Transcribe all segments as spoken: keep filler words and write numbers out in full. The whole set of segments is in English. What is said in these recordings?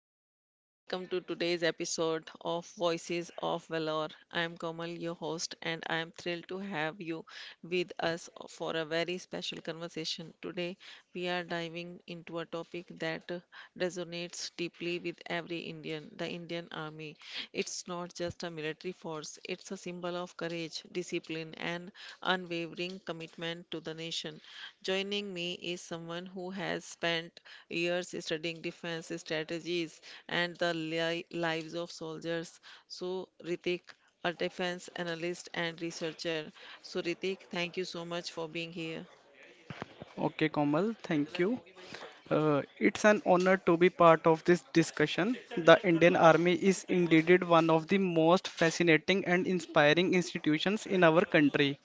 Namaste and welcome to today's episode of Voices of Valor. I am Komal, your host, and I am thrilled to have you with us for a very special conversation. Today, we are diving into a topic that resonates deeply with every Indian the Indian Army. It's not just a military force, it's a symbol of courage, discipline, and unwavering commitment to the nation. Joining me is someone who has spent years studying defense strategies and the li- lives of soldiers. So, Ritik, a defense analyst and researcher. So, Ritik, thank you so much for being here. Okay, Komal, thank you. Uh, it's an honor to be part of this discussion. The Indian Army is indeed one of the most fascinating and inspiring institutions in our country.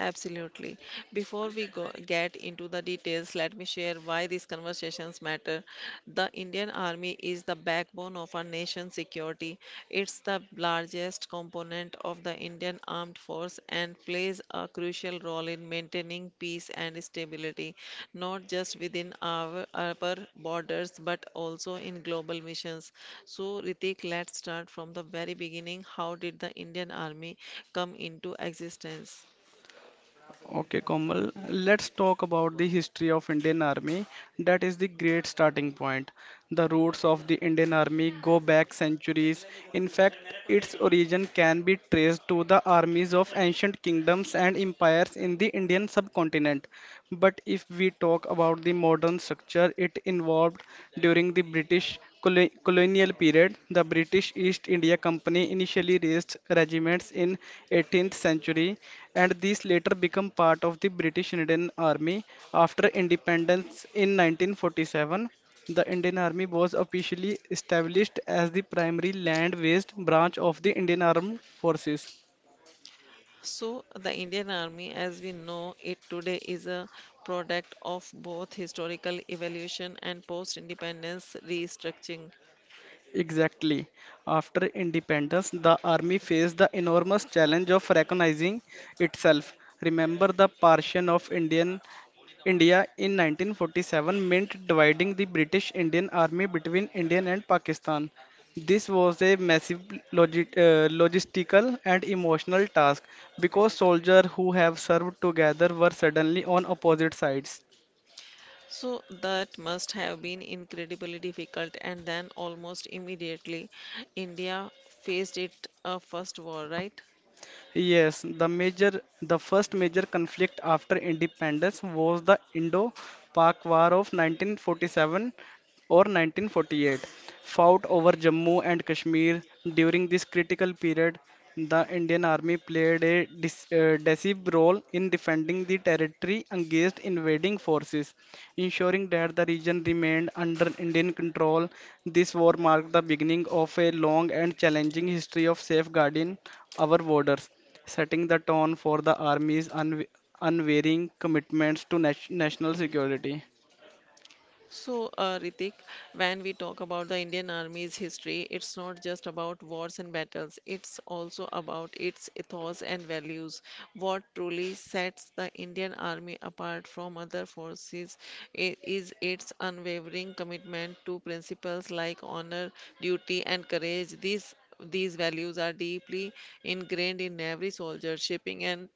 Absolutely. Before we go get into the details, let me share why these conversations matter. The Indian Army is the backbone of our nation's security. It's the largest component of the Indian Armed Force and plays a crucial role in maintaining peace and stability, not just within our, our borders but also in global missions. So, Ritik, let's start from the very beginning. How did the Indian Army come into existence? Okay, Komal, let's talk about the history of Indian Army. That is the great starting point. The roots of the Indian Army go back centuries. In fact, its origin can be traced to the armies of ancient kingdoms and empires in the Indian subcontinent. But if we talk about the modern structure, it evolved during the British Colo- colonial period. The British East India Company initially raised regiments in eighteenth century, and these later become part of the British Indian Army after independence in nineteen forty-seven. The Indian Army was officially established as the primary land-based branch of the Indian Armed Forces. So, the Indian Army, as we know it today, is a product of both historical evolution and post independence restructuring. Exactly. After independence, the army faced the enormous challenge of recognizing itself. Remember the partition of Indian India in nineteen forty-seven meant dividing the British Indian Army between Indian and Pakistan. This was a massive logi- uh, logistical and emotional task because soldiers who have served together were suddenly on opposite sides. So, that must have been incredibly difficult, and then almost immediately, India faced it a first war, right? Yes, the major, the first major conflict after independence was the Indo-Pak War of nineteen forty-seven or nineteen forty-eight, fought over Jammu and Kashmir. During this critical period, the Indian Army played a dis- uh, decisive role in defending the territory against invading forces, ensuring that the region remained under Indian control. This war marked the beginning of a long and challenging history of safeguarding our borders, setting the tone for the Army's unwa- unwavering commitments to nat- national security. So, uh, Ritik, when we talk about the Indian Army's history, it's not just about wars and battles, it's also about its ethos and values. What truly sets the Indian Army apart from other forces i- is its unwavering commitment to principles like honor, duty, and courage. These, these values are deeply ingrained in every soldier, shaping and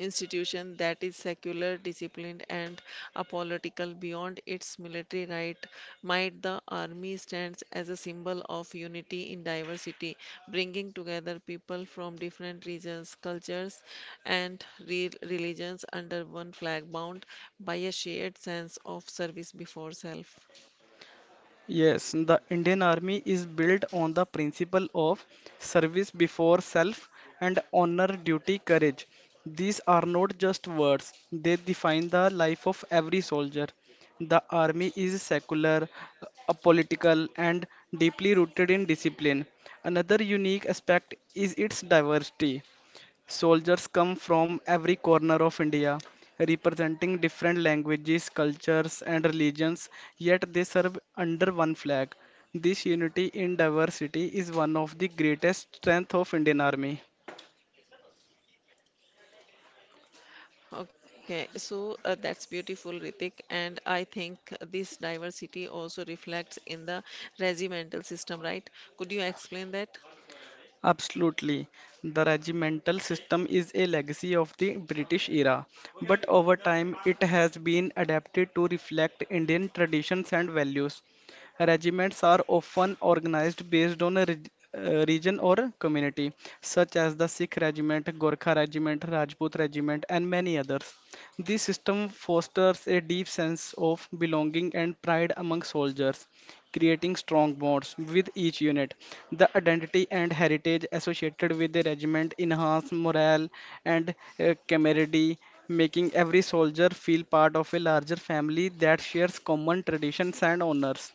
institution that is secular, disciplined, and apolitical beyond its military right. Might the army stands as a symbol of unity in diversity, bringing together people from different regions, cultures, and re- religions under one flag, bound by a shared sense of service before self. Yes, the Indian Army is built on the principle of service before self and honor, duty, courage. These are not just words, they define the life of every soldier. The army is secular, apolitical, and deeply rooted in discipline. Another unique aspect is its diversity. Soldiers come from every corner of India, representing different languages, cultures, and religions, yet they serve under one flag. This unity in diversity is one of the greatest strengths of Indian Army. Okay, so uh, that's beautiful, Ritik. And I think this diversity also reflects in the regimental system, right? Could you explain that? Absolutely. The regimental system is a legacy of the British era, but over time it has been adapted to reflect Indian traditions and values. Regiments are often organized based on a reg- uh, region or community, such as the Sikh regiment, Gorkha regiment, Rajput regiment, and many others. This system fosters a deep sense of belonging and pride among soldiers, creating strong bonds with each unit. The identity and heritage associated with the regiment enhance morale and uh, camaraderie, making every soldier feel part of a larger family that shares common traditions and honors.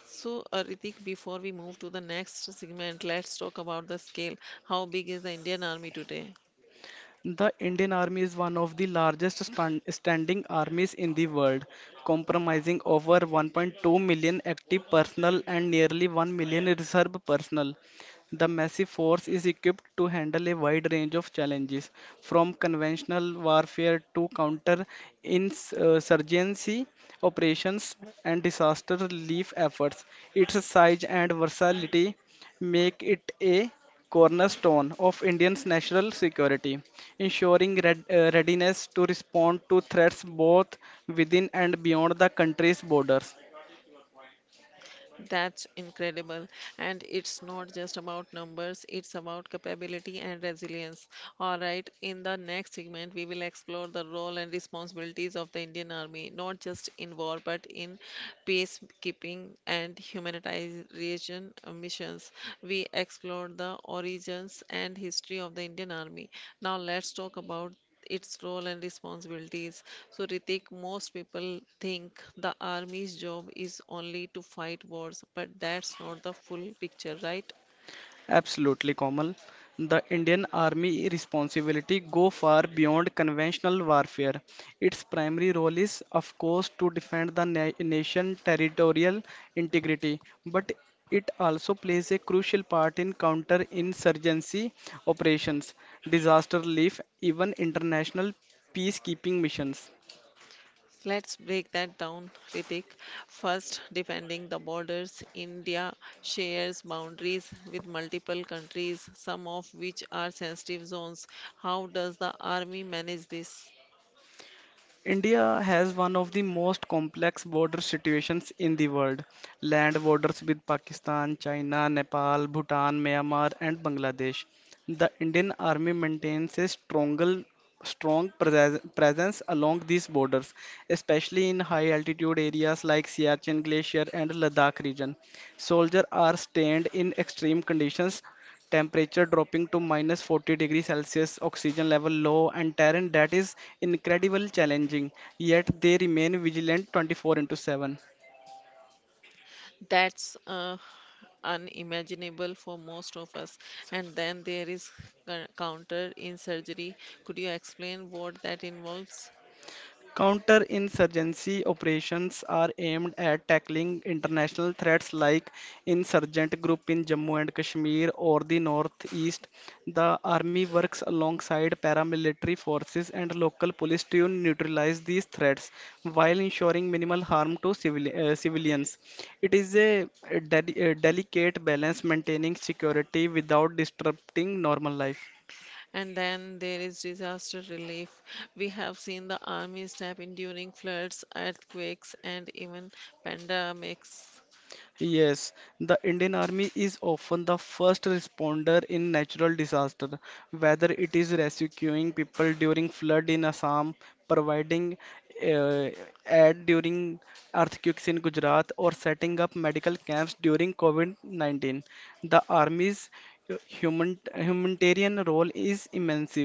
So, uh, Ritik, before we move to the next segment, let's talk about the scale. How big is the Indian Army today? The Indian Army is one of the largest stan- standing armies in the world, comprising over one point two million active personnel and nearly one million reserve personnel. The massive force is equipped to handle a wide range of challenges, from conventional warfare to counter insurgency operations and disaster relief efforts. Its size and versatility make it a cornerstone of Indian's national security, ensuring red, uh, readiness to respond to threats both within and beyond the country's borders. That's incredible. And it's not just about numbers, it's about capability and resilience. All right, in the next segment, we will explore the role and responsibilities of the Indian Army, not just in war, but in peacekeeping and humanitarian missions. We explore the origins and history of the Indian Army. Now, let's talk about its role and responsibilities. So, Ritik, most people think the army's job is only to fight wars, but that's not the full picture, right? Absolutely, Komal. The Indian Army responsibility go far beyond conventional warfare. Its primary role is, of course, to defend the na- nation territorial integrity, but it also plays a crucial part in counter-insurgency operations, disaster relief, even international peacekeeping missions. Let's break that down, Ritik. First, defending the borders. India shares boundaries with multiple countries, some of which are sensitive zones. How does the army manage this? India has one of the most complex border situations in the world. Land borders with Pakistan, China, Nepal, Bhutan, Myanmar, and Bangladesh. The Indian Army maintains a stronger, strong prese- presence along these borders, especially in high altitude areas like Siachen Glacier and Ladakh region. Soldiers are stationed in extreme conditions, temperature dropping to minus forty degrees Celsius, oxygen level low, and terrain that is incredibly challenging, yet they remain vigilant twenty-four into seven. That's uh, unimaginable for most of us. And then there is counter in surgery. Could you explain what that involves? Counterinsurgency operations are aimed at tackling international threats like insurgent group in Jammu and Kashmir or the northeast. The army works alongside paramilitary forces and local police to neutralize these threats while ensuring minimal harm to civili- uh, civilians. It is a deli- uh, delicate balance maintaining security without disrupting normal life. And then there is disaster relief. We have seen the army step in during floods, earthquakes, and even pandemics. Yes, the Indian Army is often the first responder in natural disaster, whether it is rescuing people during flood in Assam, providing uh, aid during earthquakes in Gujarat, or setting up medical camps during COVID nineteen. The Army's uh, human humanitarian role is immense.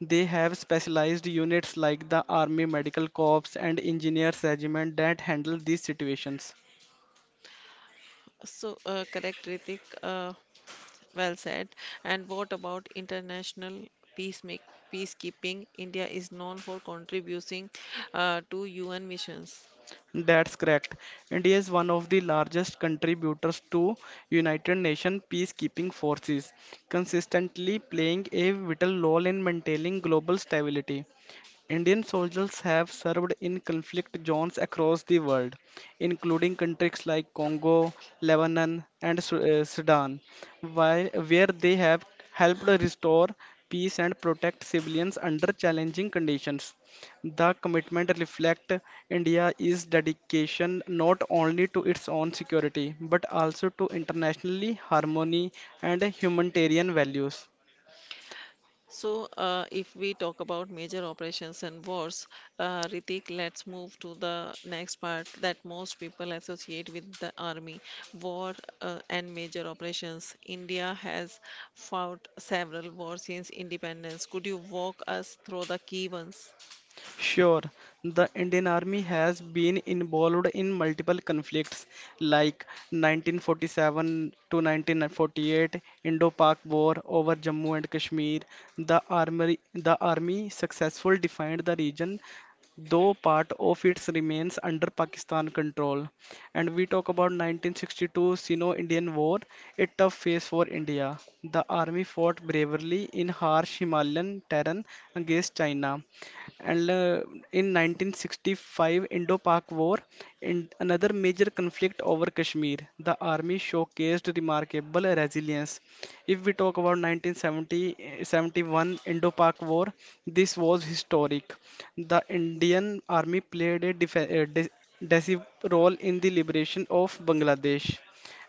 They have specialized units like the Army Medical Corps and Engineers Regiment that handle these situations. So, uh, correct, Ritik. Uh, well said. And what about international peacemake, peacekeeping? India is known for contributing uh, to U N missions. That's correct. India is one of the largest contributors to United Nations peacekeeping forces, consistently playing a vital role in maintaining global stability. Indian soldiers have served in conflict zones across the world, including countries like Congo, Lebanon, and Su- uh, Sudan, while, where they have helped restore peace and protect civilians under challenging conditions. The commitment reflects India's dedication not only to its own security but also to internationally harmony and humanitarian values. So, uh, if we talk about major operations and wars, uh, Ritik, let's move to the next part that most people associate with the army, war, uh, and major operations. India has fought several wars since independence. Could you walk us through the key ones? Sure, the Indian Army has been involved in multiple conflicts like nineteen forty-seven to nineteen forty-eight Indo-Pak War over Jammu and Kashmir. The army, the army successfully defined the region, though part of it remains under Pakistan control. And we talk about nineteen sixty-two Sino-Indian War, a tough phase for India. The army fought bravely in harsh Himalayan terrain against China, and uh, in nineteen sixty-five Indo-Pak War, in another major conflict over Kashmir, the army showcased remarkable resilience. If we talk about nineteen seventy Indo-Pak War, this was historic. The Indian army played a def- uh, de- decisive role in the liberation of Bangladesh.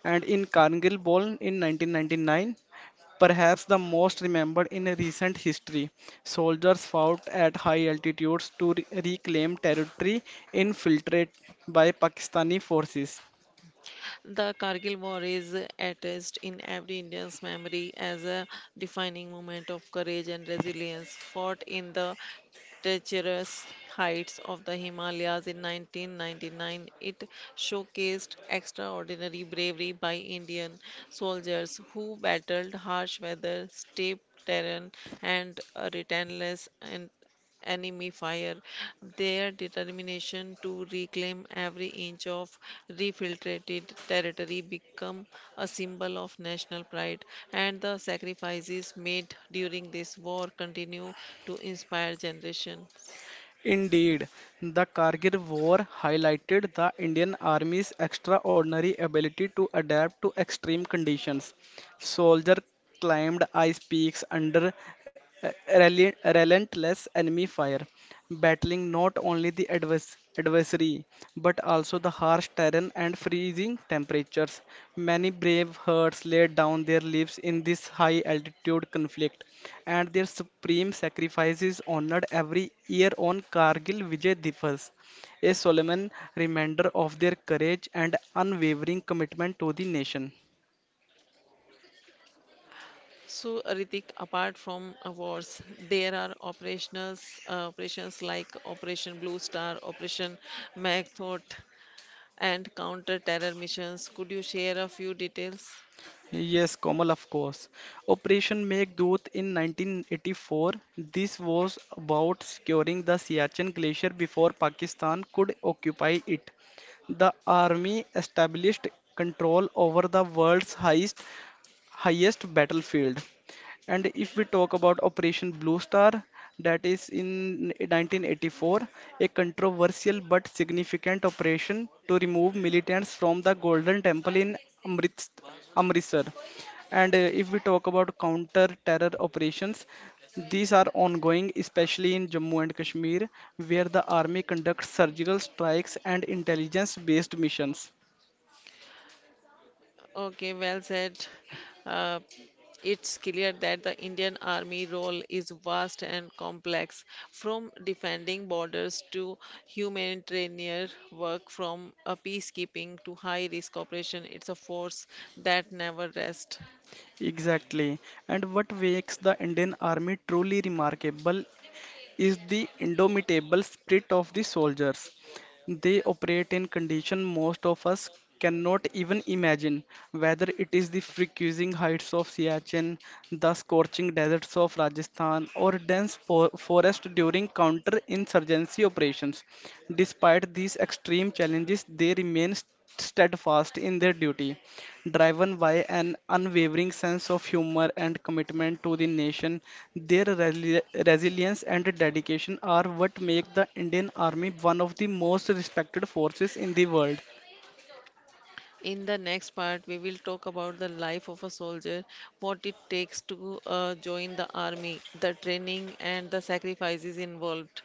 And in Kargil War in nineteen ninety-nine, perhaps the most remembered in recent history. Soldiers fought at high altitudes to re- reclaim territory infiltrated by Pakistani forces. The Kargil War is etched in every Indian's memory as a defining moment of courage and resilience, fought in the treacherous heights of the Himalayas in nineteen ninety-nine. It showcased extraordinary bravery by Indian soldiers who battled harsh weather, steep terrain, and a relentless and enemy fire. Their determination to reclaim every inch of refiltrated territory become a symbol of national pride, and the sacrifices made during this war continue to inspire generations. Indeed, the Kargil War highlighted the Indian Army's extraordinary ability to adapt to extreme conditions. Soldiers climbed ice peaks under rel- relentless enemy fire, battling not only the advers- advisory, but also the harsh terrain and freezing temperatures. Many brave herds laid down their lives in this high altitude conflict, and their supreme sacrifice is honored every year on Kargil Vijay Diwas, a solemn reminder of their courage and unwavering commitment to the nation. So, Ritik, apart from uh, wars, there are operationals, uh, operations like Operation Blue Star, Operation Magthot, and counter-terror missions. Could you share a few details? Yes, Komal, of course. Operation Meghdoot in nineteen eighty-four. This was about securing the Siachen Glacier before Pakistan could occupy it. The army established control over the world's highest, highest battlefield. And if we talk about Operation Blue Star, that is in nineteen eighty-four, a controversial but significant operation to remove militants from the Golden Temple in Amrit Amritsar. And uh, if we talk about counter-terror operations, these are ongoing, especially in Jammu and Kashmir, where the army conducts surgical strikes and intelligence-based missions. Okay, well said. Uh, it's clear that the Indian Army role is vast and complex, from defending borders to humanitarian work, from uh, peacekeeping to high-risk operation. It's a force that never rests. Exactly. And what makes the Indian Army truly remarkable is the indomitable spirit of the soldiers. They operate in conditions most of us cannot even imagine, whether it is the freezing heights of Siachen, the scorching deserts of Rajasthan, or dense for forest during counter-insurgency operations. Despite these extreme challenges, they remain st- steadfast in their duty, driven by an unwavering sense of humor and commitment to the nation. Their resili- resilience and dedication are what make the Indian Army one of the most respected forces in the world. In the next part, we will talk about the life of a soldier, what it takes to uh, join the army, the training, and the sacrifices involved.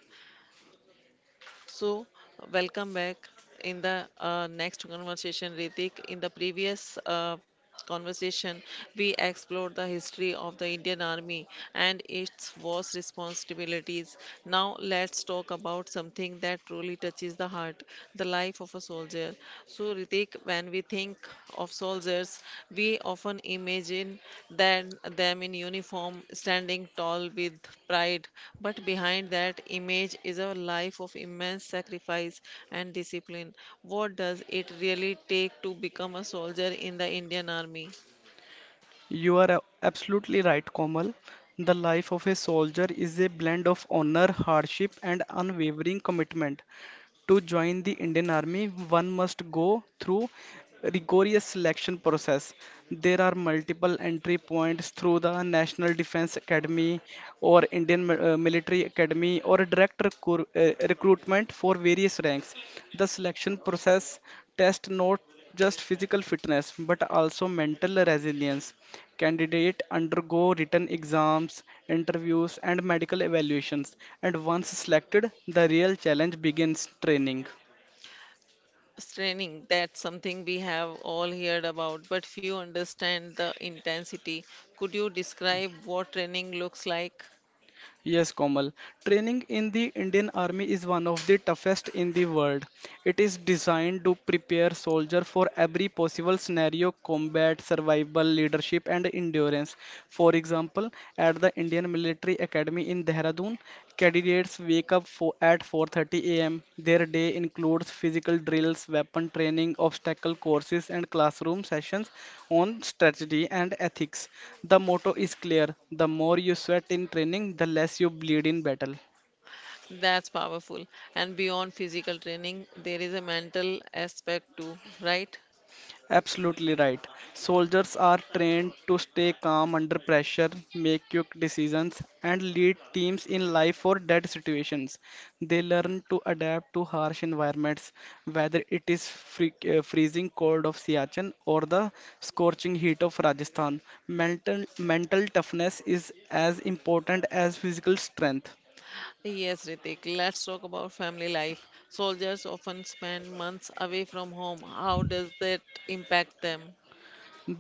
So, welcome back in the uh, next conversation, Ritik. In the previous uh, conversation, we explored the history of the Indian Army and its vast responsibilities. Now, let's talk about something that truly touches the heart the life of a soldier. So, so, Ritik, when we think of soldiers, we often imagine them, them in uniform, standing tall with pride. But behind that image is a life of immense sacrifice and discipline. What does it really take to become a soldier in the Indian Army? You are a- absolutely right, Komal. The life of a soldier is a blend of honor, hardship, and unwavering commitment. To join the Indian Army, one must go through rigorous selection process. There are multiple entry points through the National Defense Academy or Indian Mi- uh, Military Academy or direct recru- uh, recruitment for various ranks. The selection process test not just physical fitness but also mental resilience. Candidate undergo written exams, interviews, and medical evaluations, and once selected, the real challenge begins training. Training, that's something we have all heard about, but few understand the intensity. Could you describe what training looks like? Yes, Komal. Training in the Indian Army is one of the toughest in the world. It is designed to prepare soldier for every possible scenario, combat, survival, leadership, and endurance. For example, at the Indian Military Academy in Dehradun, afternoon. Candidates wake up fo- at four thirty a m. Their day includes physical drills, weapon training, obstacle courses, and classroom sessions on strategy and ethics. The motto is clear: the more you sweat in training, the less you bleed in battle. That's powerful. And beyond physical training, there is a mental aspect too, right? Absolutely right. Soldiers are trained to stay calm under pressure, make quick decisions, and lead teams in life or death situations. They learn to adapt to harsh environments, whether it is free, uh, freezing cold of Siachen or the scorching heat of Rajasthan. Mental, mental toughness is as important as physical strength. Yes, Ritik, let's talk about family life. Soldiers often spend months away from home. How does that impact them?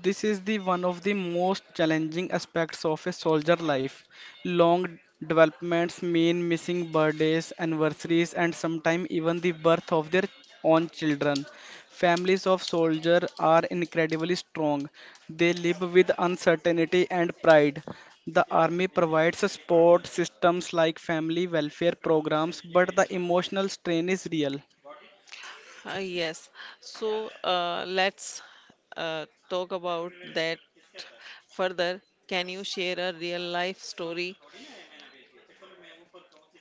This is the one of the most challenging aspects of a soldier life. Long developments mean missing birthdays, anniversaries, and sometimes even the birth of their own children. Families of soldiers are incredibly strong. They live with uncertainty and pride. The army provides support systems like family welfare programs, but the emotional strain is real. Ah, yes. So uh, let's uh, talk about that further. Can you share a real life story?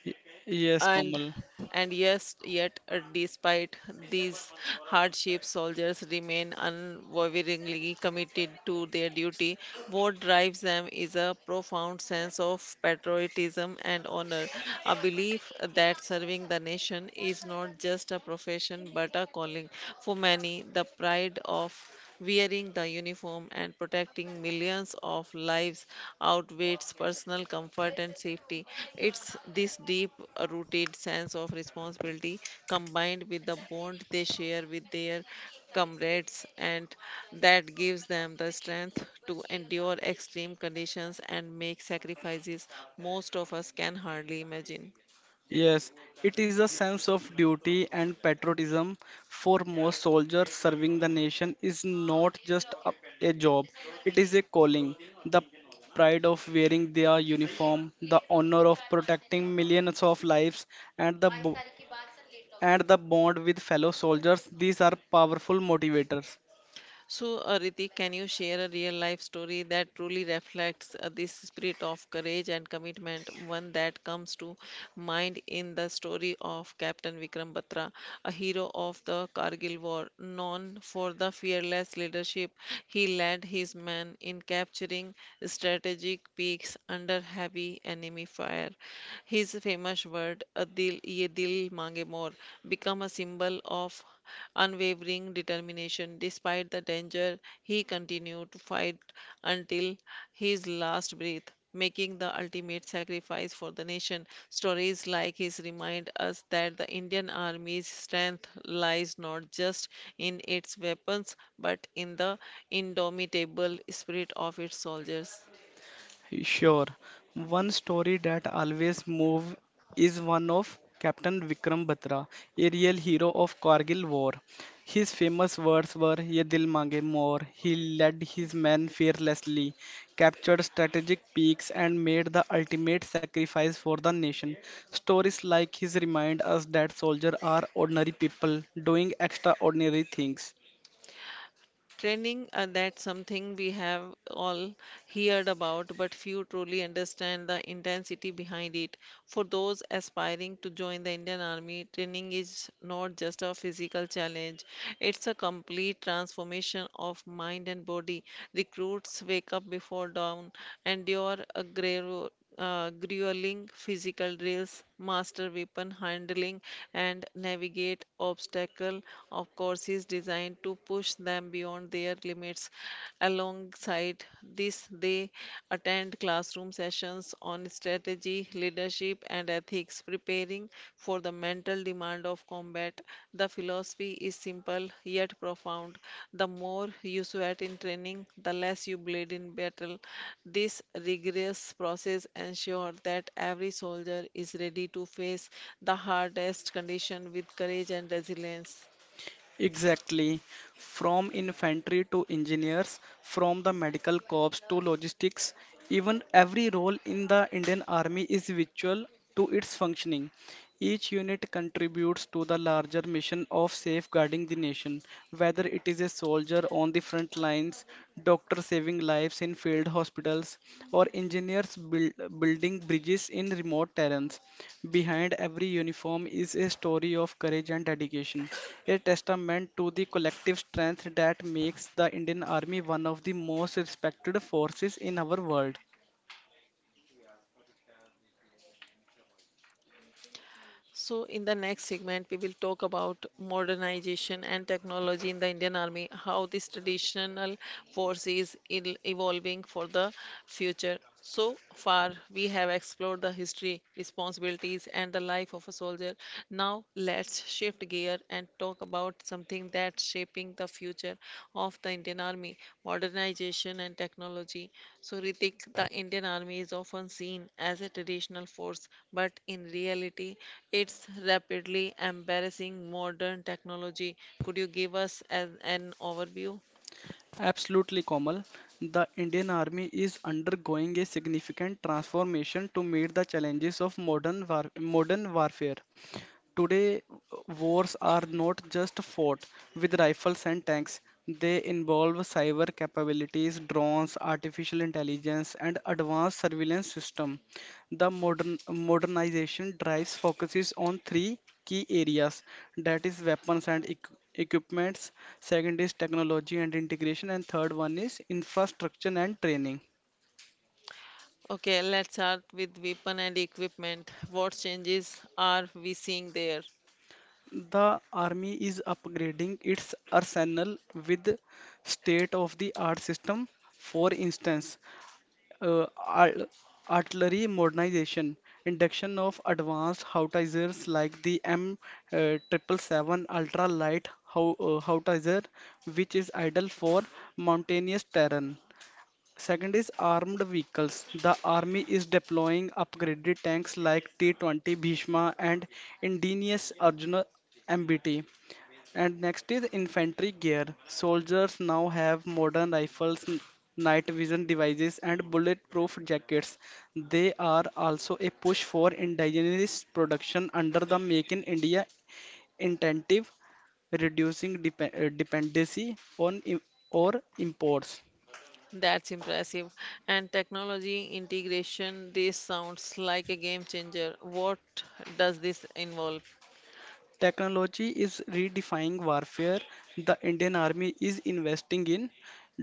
Y- Yes, And Komal. and yes, yet uh, despite these hardships, soldiers remain unwaveringly committed to their duty. What drives them is a profound sense of patriotism and honor, a belief that serving the nation is not just a profession but a calling. For many, the pride of wearing the uniform and protecting millions of lives outweighs personal comfort and safety. It's this deep rooted sense of responsibility combined with the bond they share with their comrades and that gives them the strength to endure extreme conditions and make sacrifices most of us can hardly imagine. Yes, it is a sense of duty and patriotism. For most soldiers serving the nation is not just a, a job, it is a calling. The pride of wearing their uniform, the honor of protecting millions of lives, and the bo- and the bond with fellow soldiers, these are powerful motivators. So, uh, Ritik, can you share a real life story that truly reflects uh, this spirit of courage and commitment? One that comes to mind in the story of Captain Vikram Batra, a hero of the Kargil War, known for the fearless leadership he led his men in capturing strategic peaks under heavy enemy fire. His famous word, "A dil, ye dil mange more," become a symbol of unwavering determination. Despite the danger, he continued to fight until his last breath, making the ultimate sacrifice for the nation. Stories like his remind us that the Indian Army's strength lies not just in its weapons but in the indomitable spirit of its soldiers. Sure. One story that always move is one of Captain Vikram Batra, a real hero of Kargil War. His famous words were "Ye dil mange more." He led his men fearlessly, captured strategic peaks, and made the ultimate sacrifice for the nation. Stories like his remind us that soldiers are ordinary people doing extraordinary things. Training, uh, that's something we have all heard about, but few truly understand the intensity behind it. For those aspiring to join the Indian Army, training is not just a physical challenge, it's a complete transformation of mind and body. Recruits wake up before dawn, endure a gru- uh, grueling physical drills, master weapon handling, and navigate obstacle. Of course, is designed to push them beyond their limits. Alongside this, they attend classroom sessions on strategy, leadership, and ethics, preparing for the mental practical demand of combat. The philosophy is simple yet profound. The more you sweat in training, the less you bleed in battle. This rigorous process ensures that every soldier is ready to face the hardest condition with courage and resilience. Exactly. From infantry to engineers, from the medical corps to logistics, even every role in the Indian Army is vital to its functioning. Each unit contributes to the larger mission of safeguarding the nation, whether it is a soldier on the front lines, doctor saving lives in field hospitals, or engineers build, building bridges in remote terrains. Behind every uniform is a story of courage and dedication, a testament to the collective strength that makes the Indian Army one of the most respected forces in our world. So, in the next segment, we will talk about modernization and technology in the Indian Army, how this traditional force is el- evolving for the future. So far, we have explored the history, responsibilities, and the life of a soldier. Now, let's shift gear and talk about something that's shaping the future of the Indian Army modernization and technology. So, Ritik, the Indian Army is often seen as a traditional force, but in reality, it's rapidly embracing modern technology. Could you give us as an overview? Absolutely, Komal. The Indian Army is undergoing a significant transformation to meet the challenges of modern war- modern warfare. Today, wars are not just fought with rifles and tanks, they involve cyber capabilities, drones, artificial intelligence, and advanced surveillance system. The modern, modernization drives focuses on three key areas, that is weapons and equ- equipments, second is technology and integration, and third one is infrastructure and training. Okay, let's start with weapon and equipment. What changes are we seeing there? The army is upgrading its arsenal with state-of-the-art system. For instance, uh, ar- artillery modernization, induction of advanced howitzers like the M uh, seven seventy-seven ultra light how, uh, howitzer, which is ideal for mountainous terrain. Second is armed vehicles. The army is deploying upgraded tanks like T twenty Bhishma and indigenous Arjuna M B T, and next is infantry gear. Soldiers now have modern rifles, n- night vision devices, and bulletproof jackets. They are also a push for indigenous production under the Make in India incentive, reducing dep- uh, dependency on im- or imports. That's impressive. And technology integration, this sounds like a game changer. What does this involve? Technology is redefining warfare. The Indian Army is investing in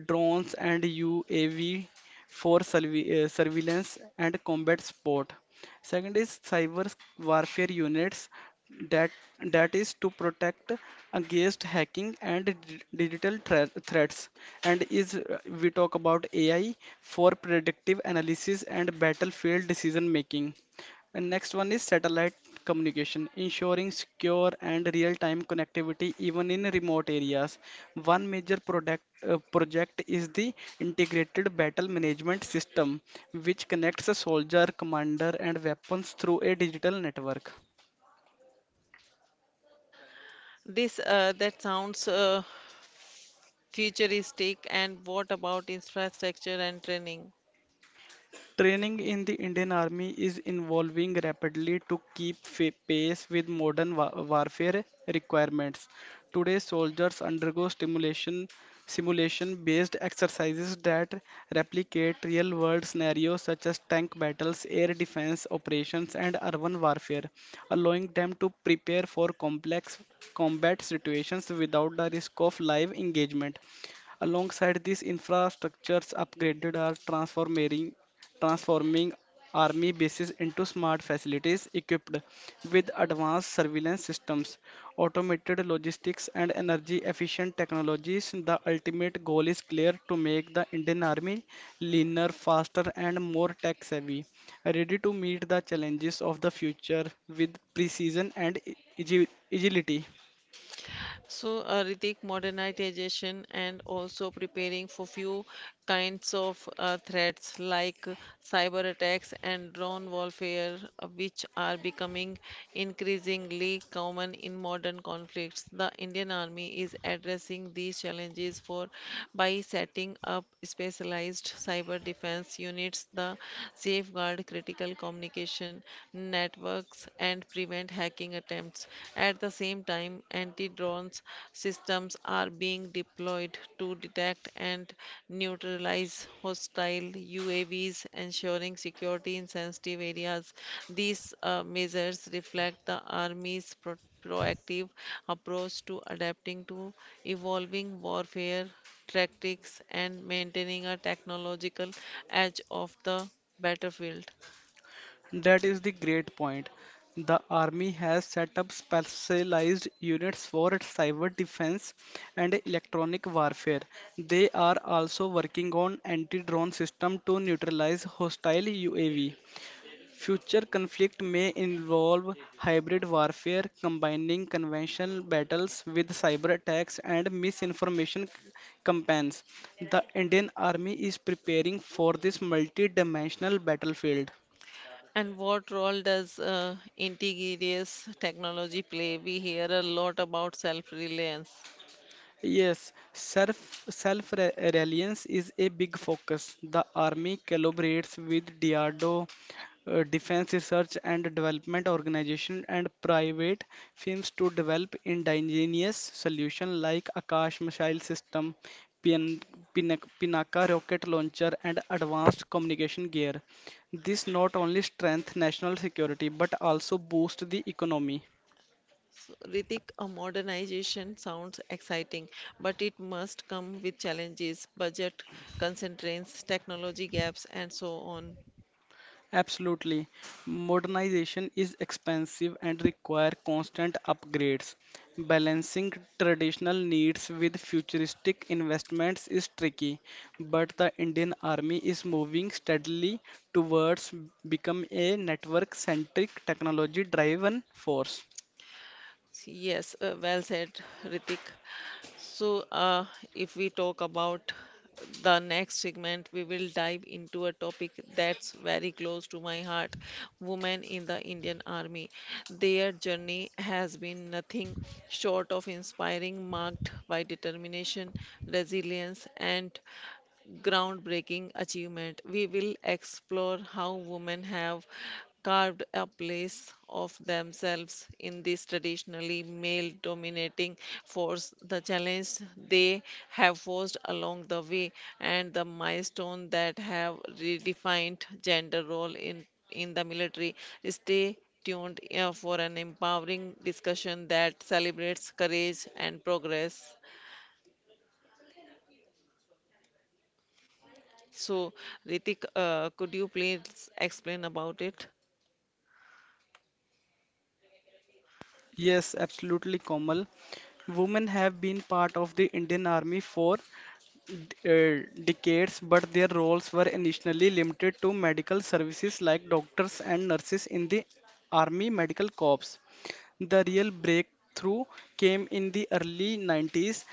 drones and U A V for surve- uh, surveillance and combat support. Second is cyber warfare units that that is to protect against hacking and d- digital thre- threats, and is, uh, we talk about A I for predictive analysis and battlefield decision making, and next one is satellite communication, ensuring secure and real-time connectivity even in remote areas. One major product, uh, project is the Integrated Battle Management System, which connects a soldier, commander, and weapons through a digital network. This uh, that sounds uh, futuristic. And what about infrastructure and training? Training in the Indian Army is evolving rapidly to keep fa- pace with modern wa- warfare requirements. Today, soldiers undergo stimulation, simulation-based exercises that replicate real-world scenarios such as tank battles, air defense operations, and urban warfare, allowing them to prepare for complex combat situations without the risk of live engagement. Alongside this, infrastructures upgraded are transforming transforming army bases into smart facilities equipped with advanced surveillance systems, automated logistics, and energy efficient technologies. The ultimate goal is clear: to make the Indian Army leaner, faster, and more tech savvy, ready to meet the challenges of the future with precision and agi- agility. So, uh, Ritik, modernization and also preparing for few kinds of uh, threats like uh, cyber attacks and drone warfare, uh, which are becoming increasingly common in modern conflicts. The Indian Army is addressing these challenges for by setting up specialized cyber defense units, the safeguard critical communication networks, and prevent prevent hacking attempts. At the same time, anti drone systems are being deployed to detect and neutralize hostile U A Vs, ensuring security in sensitive areas. These uh, measures reflect the Army's pro- proactive approach to adapting to evolving warfare tactics and maintaining a technological edge of the battlefield. That is the great point. The army has set up specialized units for cyber defense and electronic warfare. They are also working on anti-drone system to neutralize hostile U A V. Future conflict may involve hybrid warfare, combining conventional battles with cyber attacks and misinformation campaigns. The Indian Army is preparing for this multi-dimensional battlefield. And what role does uh, indigenous technology play? We hear a lot about self-reliance. Yes, self self reliance is a big focus. The army collaborates with D R D O, uh, Defense Research and Development Organization, and private firms to develop indigenous solutions like Akash missile system, Pin, Pinak, Pinaka rocket launcher, and advanced communication gear. This not only strengthens national security but also boosts the economy. So, Ritik, a modernization sounds exciting, but it must come with challenges, budget constraints, technology gaps, and so on. Absolutely. Modernization is expensive and require constant upgrades. Balancing traditional needs with futuristic investments is tricky, but the Indian Army is moving steadily towards become a network-centric technology-driven force. Yes, uh, well said, Ritik. So, uh, if we talk about the next segment, we will dive into a topic that's very close to my heart women in the Indian Army. Their journey has been nothing short of inspiring, marked by determination, resilience, and groundbreaking achievement. We will explore how women have carved a place of themselves in this traditionally male dominating force, the challenge they have forced along the way, and the milestone that have redefined gender role in, in the military. Stay tuned uh, for an empowering discussion that celebrates courage and progress. So, Ritik, uh, could you please explain about it? Yes, absolutely, Komal. Women have been part of the Indian Army for d- uh, decades, but their roles were initially limited to medical services like doctors and nurses in the Army Medical Corps. The real breakthrough came in the early nineties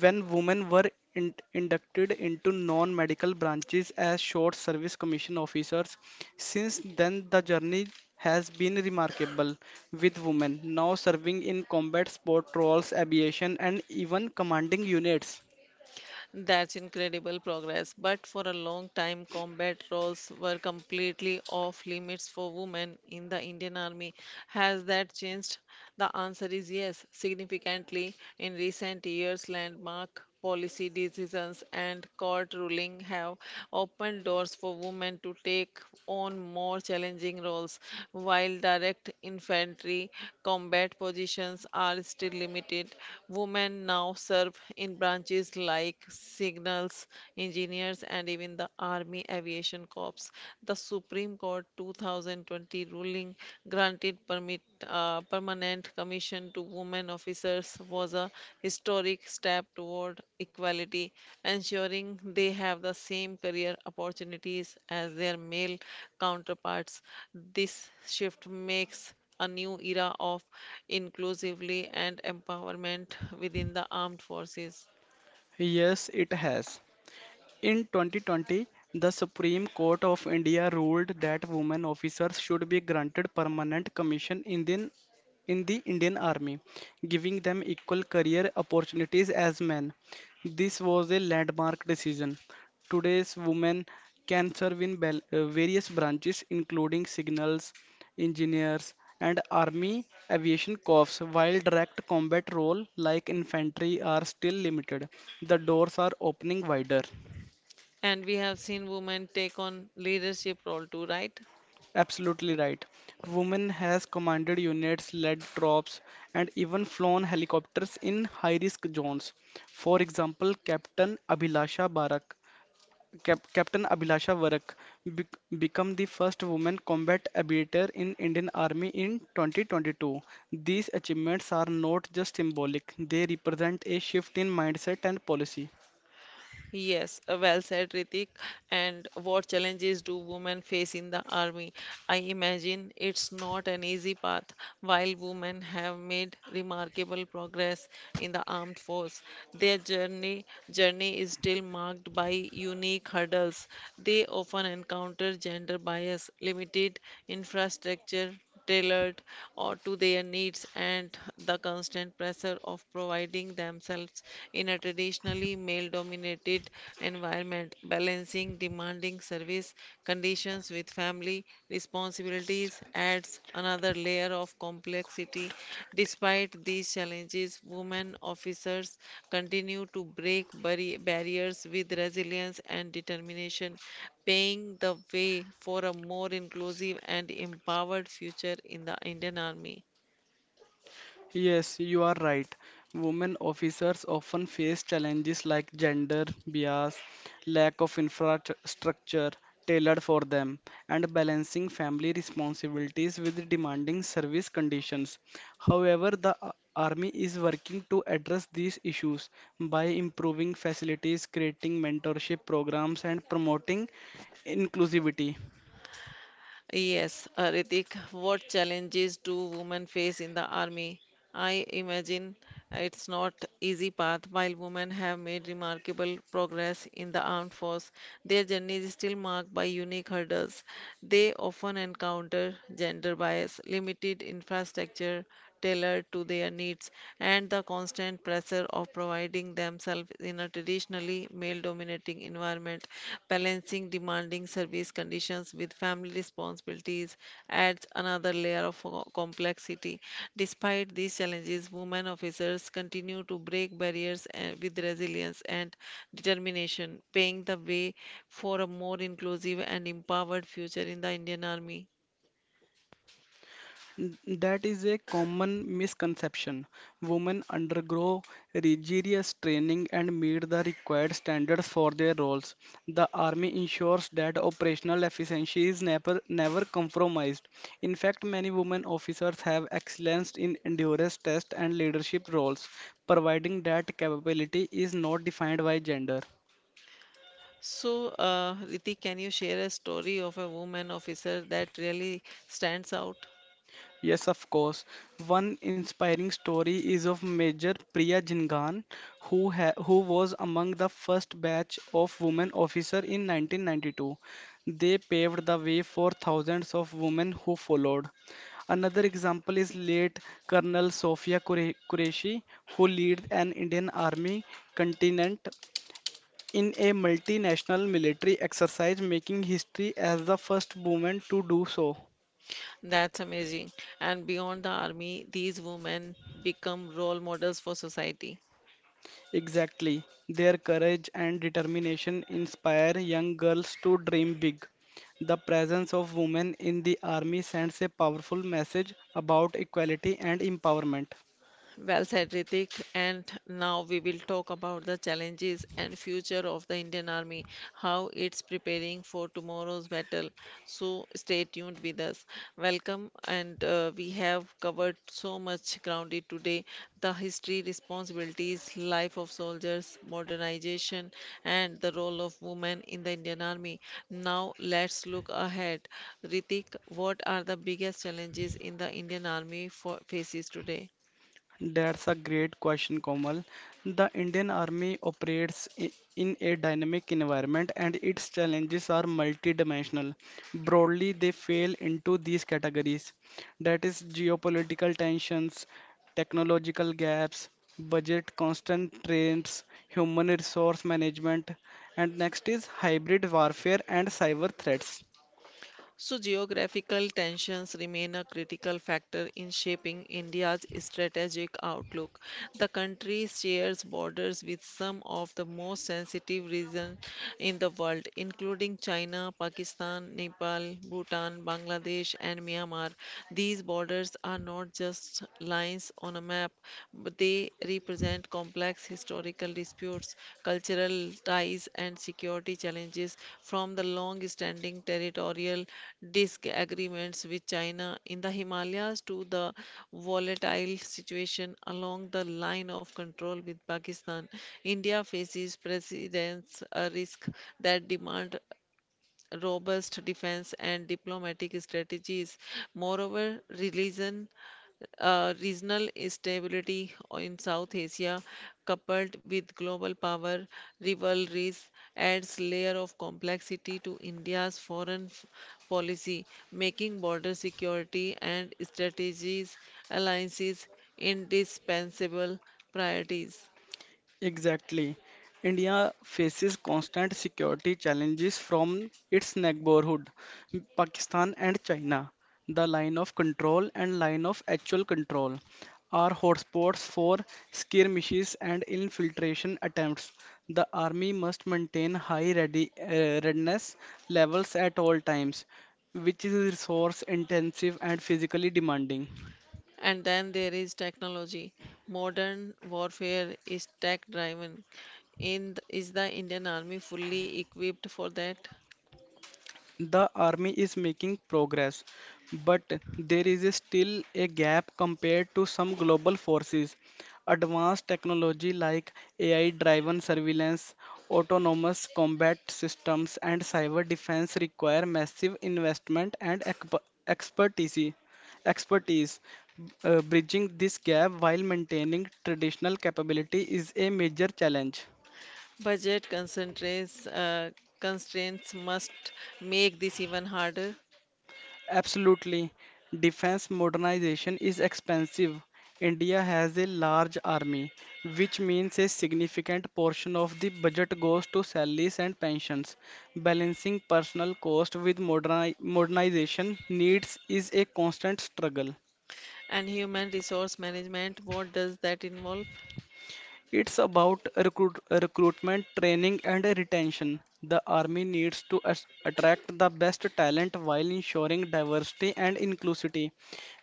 when women were in inducted into non medical branches as short service commission officers. Since then, the journey has been remarkable, with women now serving in combat sport roles, aviation, and even commanding units. That's incredible progress, but for a long time, combat roles were completely off limits for women in the Indian Army. Has that changed? The answer is yes, significantly. In recent years, landmark policy decisions and court ruling have opened doors for women to take on more challenging roles, while direct infantry combat positions are still limited. Women now serve in branches industries like signals engineers and even the Army Aviation Corps. The Supreme Court twenty twenty ruling granted permit, uh, permanent commission to women officers was a historic step toward equality, ensuring they have the same career opportunities as their male counterparts. This shift makes a new era of inclusively and empowerment within the armed forces. Yes, it has. In twenty twenty, the Supreme Court of India ruled that women officers should be granted permanent commission in the, in the Indian Army, giving them equal career opportunities as men. This was a landmark decision. Today's women can serve in bal- uh, various branches, including signals, engineers, and army aviation corps, while direct combat role like infantry are still limited. The doors are opening wider. And we have seen women take on leadership role too, right? Absolutely right. Women has commanded units, led troops, and even flown helicopters in high-risk zones. For example, Captain Abhilasha Barak, Cap Captain Abhilasha Varak bec become the first woman combat aviator in Indian Army in twenty twenty-two. These achievements are not just symbolic; they represent a shift in mindset and policy. Yes, uh, well said, Ritik. And what challenges do women face in the army? I imagine it's not an easy path. While women have made remarkable progress in the armed force, their journey journey is still marked by unique hurdles. They often encounter gender bias, limited infrastructure, tailored or to their needs and the constant pressure of providing themselves in a traditionally male dominated environment balancing demanding service conditions with family responsibilities adds another layer of complexity despite these challenges women officers continue to break barri- barriers with resilience and determination paving the way for a more inclusive and empowered future in the Indian Army. Yes, you are right. Women officers often face challenges like gender bias, lack of infrastructure tailored for them, and balancing family responsibilities with demanding service conditions. However, the a- Army is working to address these issues by improving facilities, creating mentorship programs, and promoting inclusivity. Yes, uh, Ritik, what challenges do women face in the army? I imagine it's not easy path. While women have made remarkable progress in the armed force, their journey is still marked by unique hurdles. They often encounter gender bias, limited infrastructure, tailored to their needs and the constant pressure of providing themselves in a traditionally male dominating environment. Balancing demanding service conditions with family responsibilities adds another layer of co- complexity. Despite these challenges, women officers continue to break barriers eh, with resilience and determination, paving the way for a more inclusive and empowered future in the Indian Army. N- That is a common misconception. Women undergo rigorous training and meet the required standards for their roles. The Army ensures that operational efficiency is never, never compromised. In fact, many women officers have excelled in endurance tests and leadership roles, providing that capability is not defined by gender. So, uh, Riti, can you share a story of a woman officer that really stands out? Yes, of course. One inspiring story is of Major Priya Jhingan, who ha who was among the first batch of women officer in nineteen ninety-two. They paved the way for thousands of women who followed. Another example is late Colonel Sofia Qure- Qureshi, who led an Indian Army contingent in a multinational military exercise, making history as the first woman to do so. That's amazing. And beyond the army, these women become role models for society. Exactly. Their courage and determination inspire young girls to dream big. The presence of women in the army sends a powerful message about equality and empowerment. Well said, Ritik. And now we will talk about the challenges and future of the Indian Army, how it's preparing for tomorrow's battle. So stay tuned with us. Welcome, and uh, we have covered so much grounded today: the history, responsibilities, life of soldiers, modernization, and the role of women in the Indian Army. Now let's look ahead. Ritik, what are the biggest challenges in the Indian Army for faces today? That's a great question, Komal. The Indian Army operates i- in a dynamic environment and its challenges are multidimensional. Broadly, they fall into these categories. That is geopolitical tensions, technological gaps, budget constraints, human resource management, and next is hybrid warfare and cyber threats. So, geographical tensions remain a critical factor in shaping India's strategic outlook. The country shares borders with some of the most sensitive regions in the world, including China, Pakistan, Nepal, Bhutan, Bangladesh, and Myanmar. These borders are not just lines on a map, but they represent complex historical disputes, cultural ties, and security challenges from the long standing territorial disagreements with China in the Himalayas to the volatile situation along the line of control with Pakistan. India faces precedents, a risk that demand robust defense and diplomatic strategies. Moreover, religion, uh, regional stability in South Asia, coupled with global power rivalries, adds layer of complexity to India's foreign f- policy, making border security and strategies alliances indispensable priorities. Exactly. India faces constant security challenges from its neighborhood, Pakistan and China. The line of control and line of actual control are hotspots for skirmishes and infiltration attempts. The army must maintain high ready, uh, readiness levels at all times, which is resource intensive and physically demanding. And then there is technology. Modern warfare is tech driven. In th- is the Indian Army fully equipped for that? The army is making progress, but there is still a gap compared to some global forces. Advanced technology like A I driven surveillance, autonomous combat systems, and cyber defense require massive investment and exp- expertise. Expertise. Uh, bridging this gap while maintaining traditional capability is a major challenge. Budget constraints, uh, constraints must make this even harder. Absolutely. Defense modernization is expensive. India has a large army, which means a significant portion of the budget goes to salaries and pensions. Balancing personal cost with moderni modernization needs is a constant struggle. And human resource management, what does that involve? It's about recruit, recruitment, training, and retention. The army needs to as- attract the best talent while ensuring diversity and inclusivity.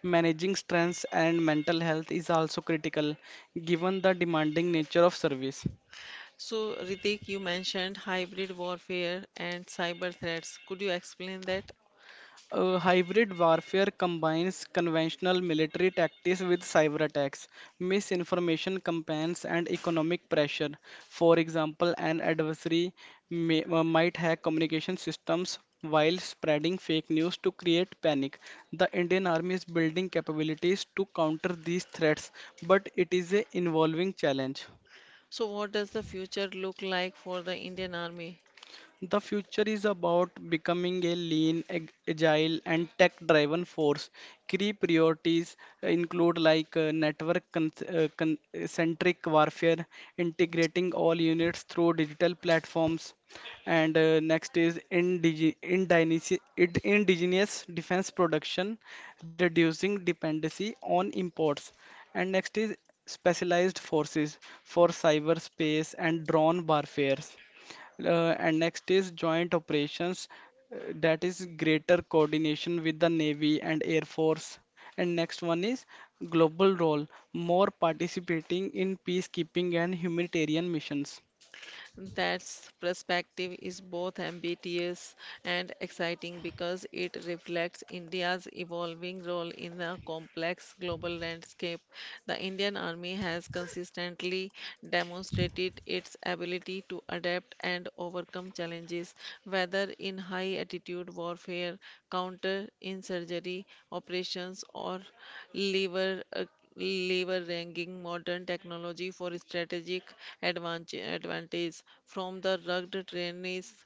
Managing stress and mental health is also critical, given the demanding nature of service. So, Ritik, you mentioned hybrid warfare and cyber threats. Could you explain that? Uh, hybrid warfare combines conventional military tactics with cyber attacks, misinformation campaigns, and economic pressure. For example, an adversary may, uh, might hack communication systems while spreading fake news to create panic. The Indian Army is building capabilities to counter these threats, but it is a evolving challenge. So, what does the future look like for the Indian Army? The future is about becoming a lean, ag- agile, and tech-driven force. Key priorities include like, uh, network con- uh, con- centric warfare, integrating all units through digital platforms, and, uh, next is indige- indigeni- id- indigenous defense production, reducing dependency on imports, and next is specialized forces for cyberspace and drone warfares, uh, and next is joint operations, uh, that is greater coordination with the Navy and Air Force. And next one is global role, more participating in peacekeeping and humanitarian missions. That perspective is both ambitious and exciting because it reflects India's evolving role in a complex global landscape. The Indian Army has consistently demonstrated its ability to adapt and overcome challenges, whether in high altitude warfare, counter insurgery operations, or lever leveraging modern technology for strategic advantage, advantage from the rugged trainees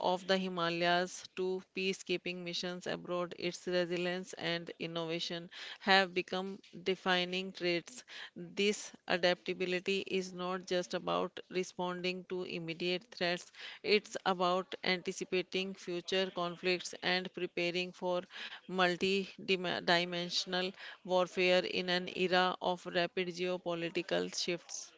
of the Himalayas to peacekeeping missions abroad, its resilience and innovation have become defining traits. This adaptability is not just about responding to immediate threats, it's about anticipating future conflicts and preparing for multi-dimensional warfare in an era of rapid geopolitical shifts.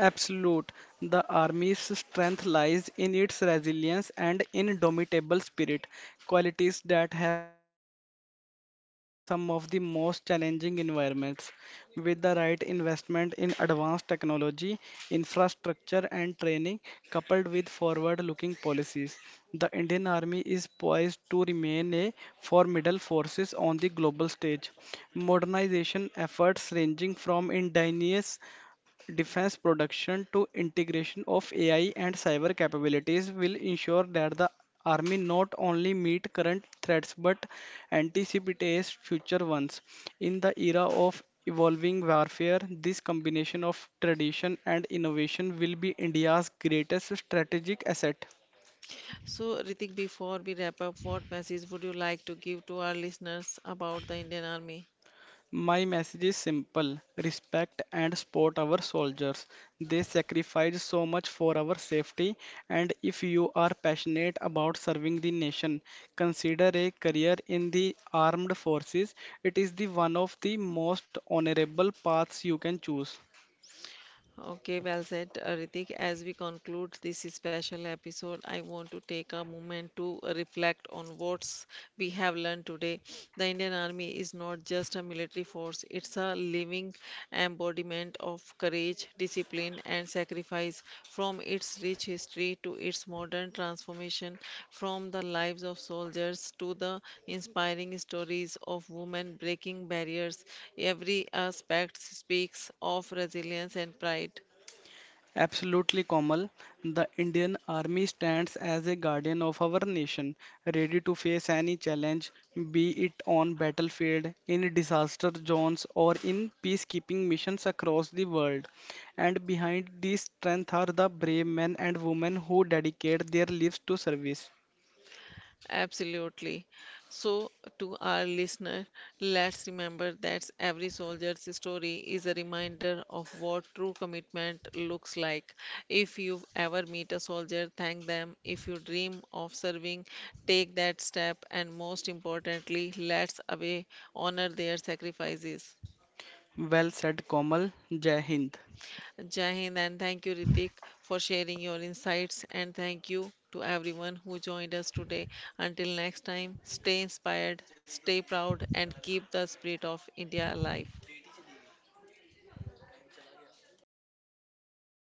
Absolute. The army's strength lies in its resilience and indomitable spirit, qualities that have been tested and proven in some of the most challenging environments. With the right investment in advanced technology, infrastructure, and training, coupled with forward looking policies, the Indian Army is poised to remain a formidable force on the global stage. Modernization efforts ranging from indigenous defense production to integration of A I and cyber capabilities will ensure that the army not only meet current threats but anticipates future ones. In the era of evolving warfare, this combination of tradition and innovation will be India's greatest strategic asset. So, Ritik, before we wrap up, what message would you like to give to our listeners about the Indian Army? My message is simple: respect and support our soldiers. They sacrifice so much for our safety, and if you are passionate about serving the nation, consider a career in the armed forces. It is the one of the most honorable paths you can choose. Okay, well said, uh, Ritik. As we conclude this special episode, I want to take a moment to reflect on what we have learned today. The Indian Army is not just a military force, it's a living embodiment of courage, discipline discipline and sacrifice, from its rich history to its modern transformation, from the lives of soldiers to the inspiring stories of women breaking barriers. Every aspect speaks of resilience and pride. Absolutely, Komal. The Indian Army stands as a guardian of our nation, ready to face any challenge, be it on battlefield, in disaster zones, or in peacekeeping missions across the world. And behind this strength are the brave men and women who dedicate their lives to service. Absolutely. So, to our listener, let's remember that every soldier's story is a reminder of what true commitment looks like. If you ever meet a soldier, thank them. If you dream of serving, take that step. And most importantly, let's away honor their sacrifices. Well said, Komal. Jai Hind. Jai Hind and thank you, Ritik, for sharing your insights. And thank you to everyone who joined us today. Until next time, stay inspired, stay proud, and keep the spirit of India alive.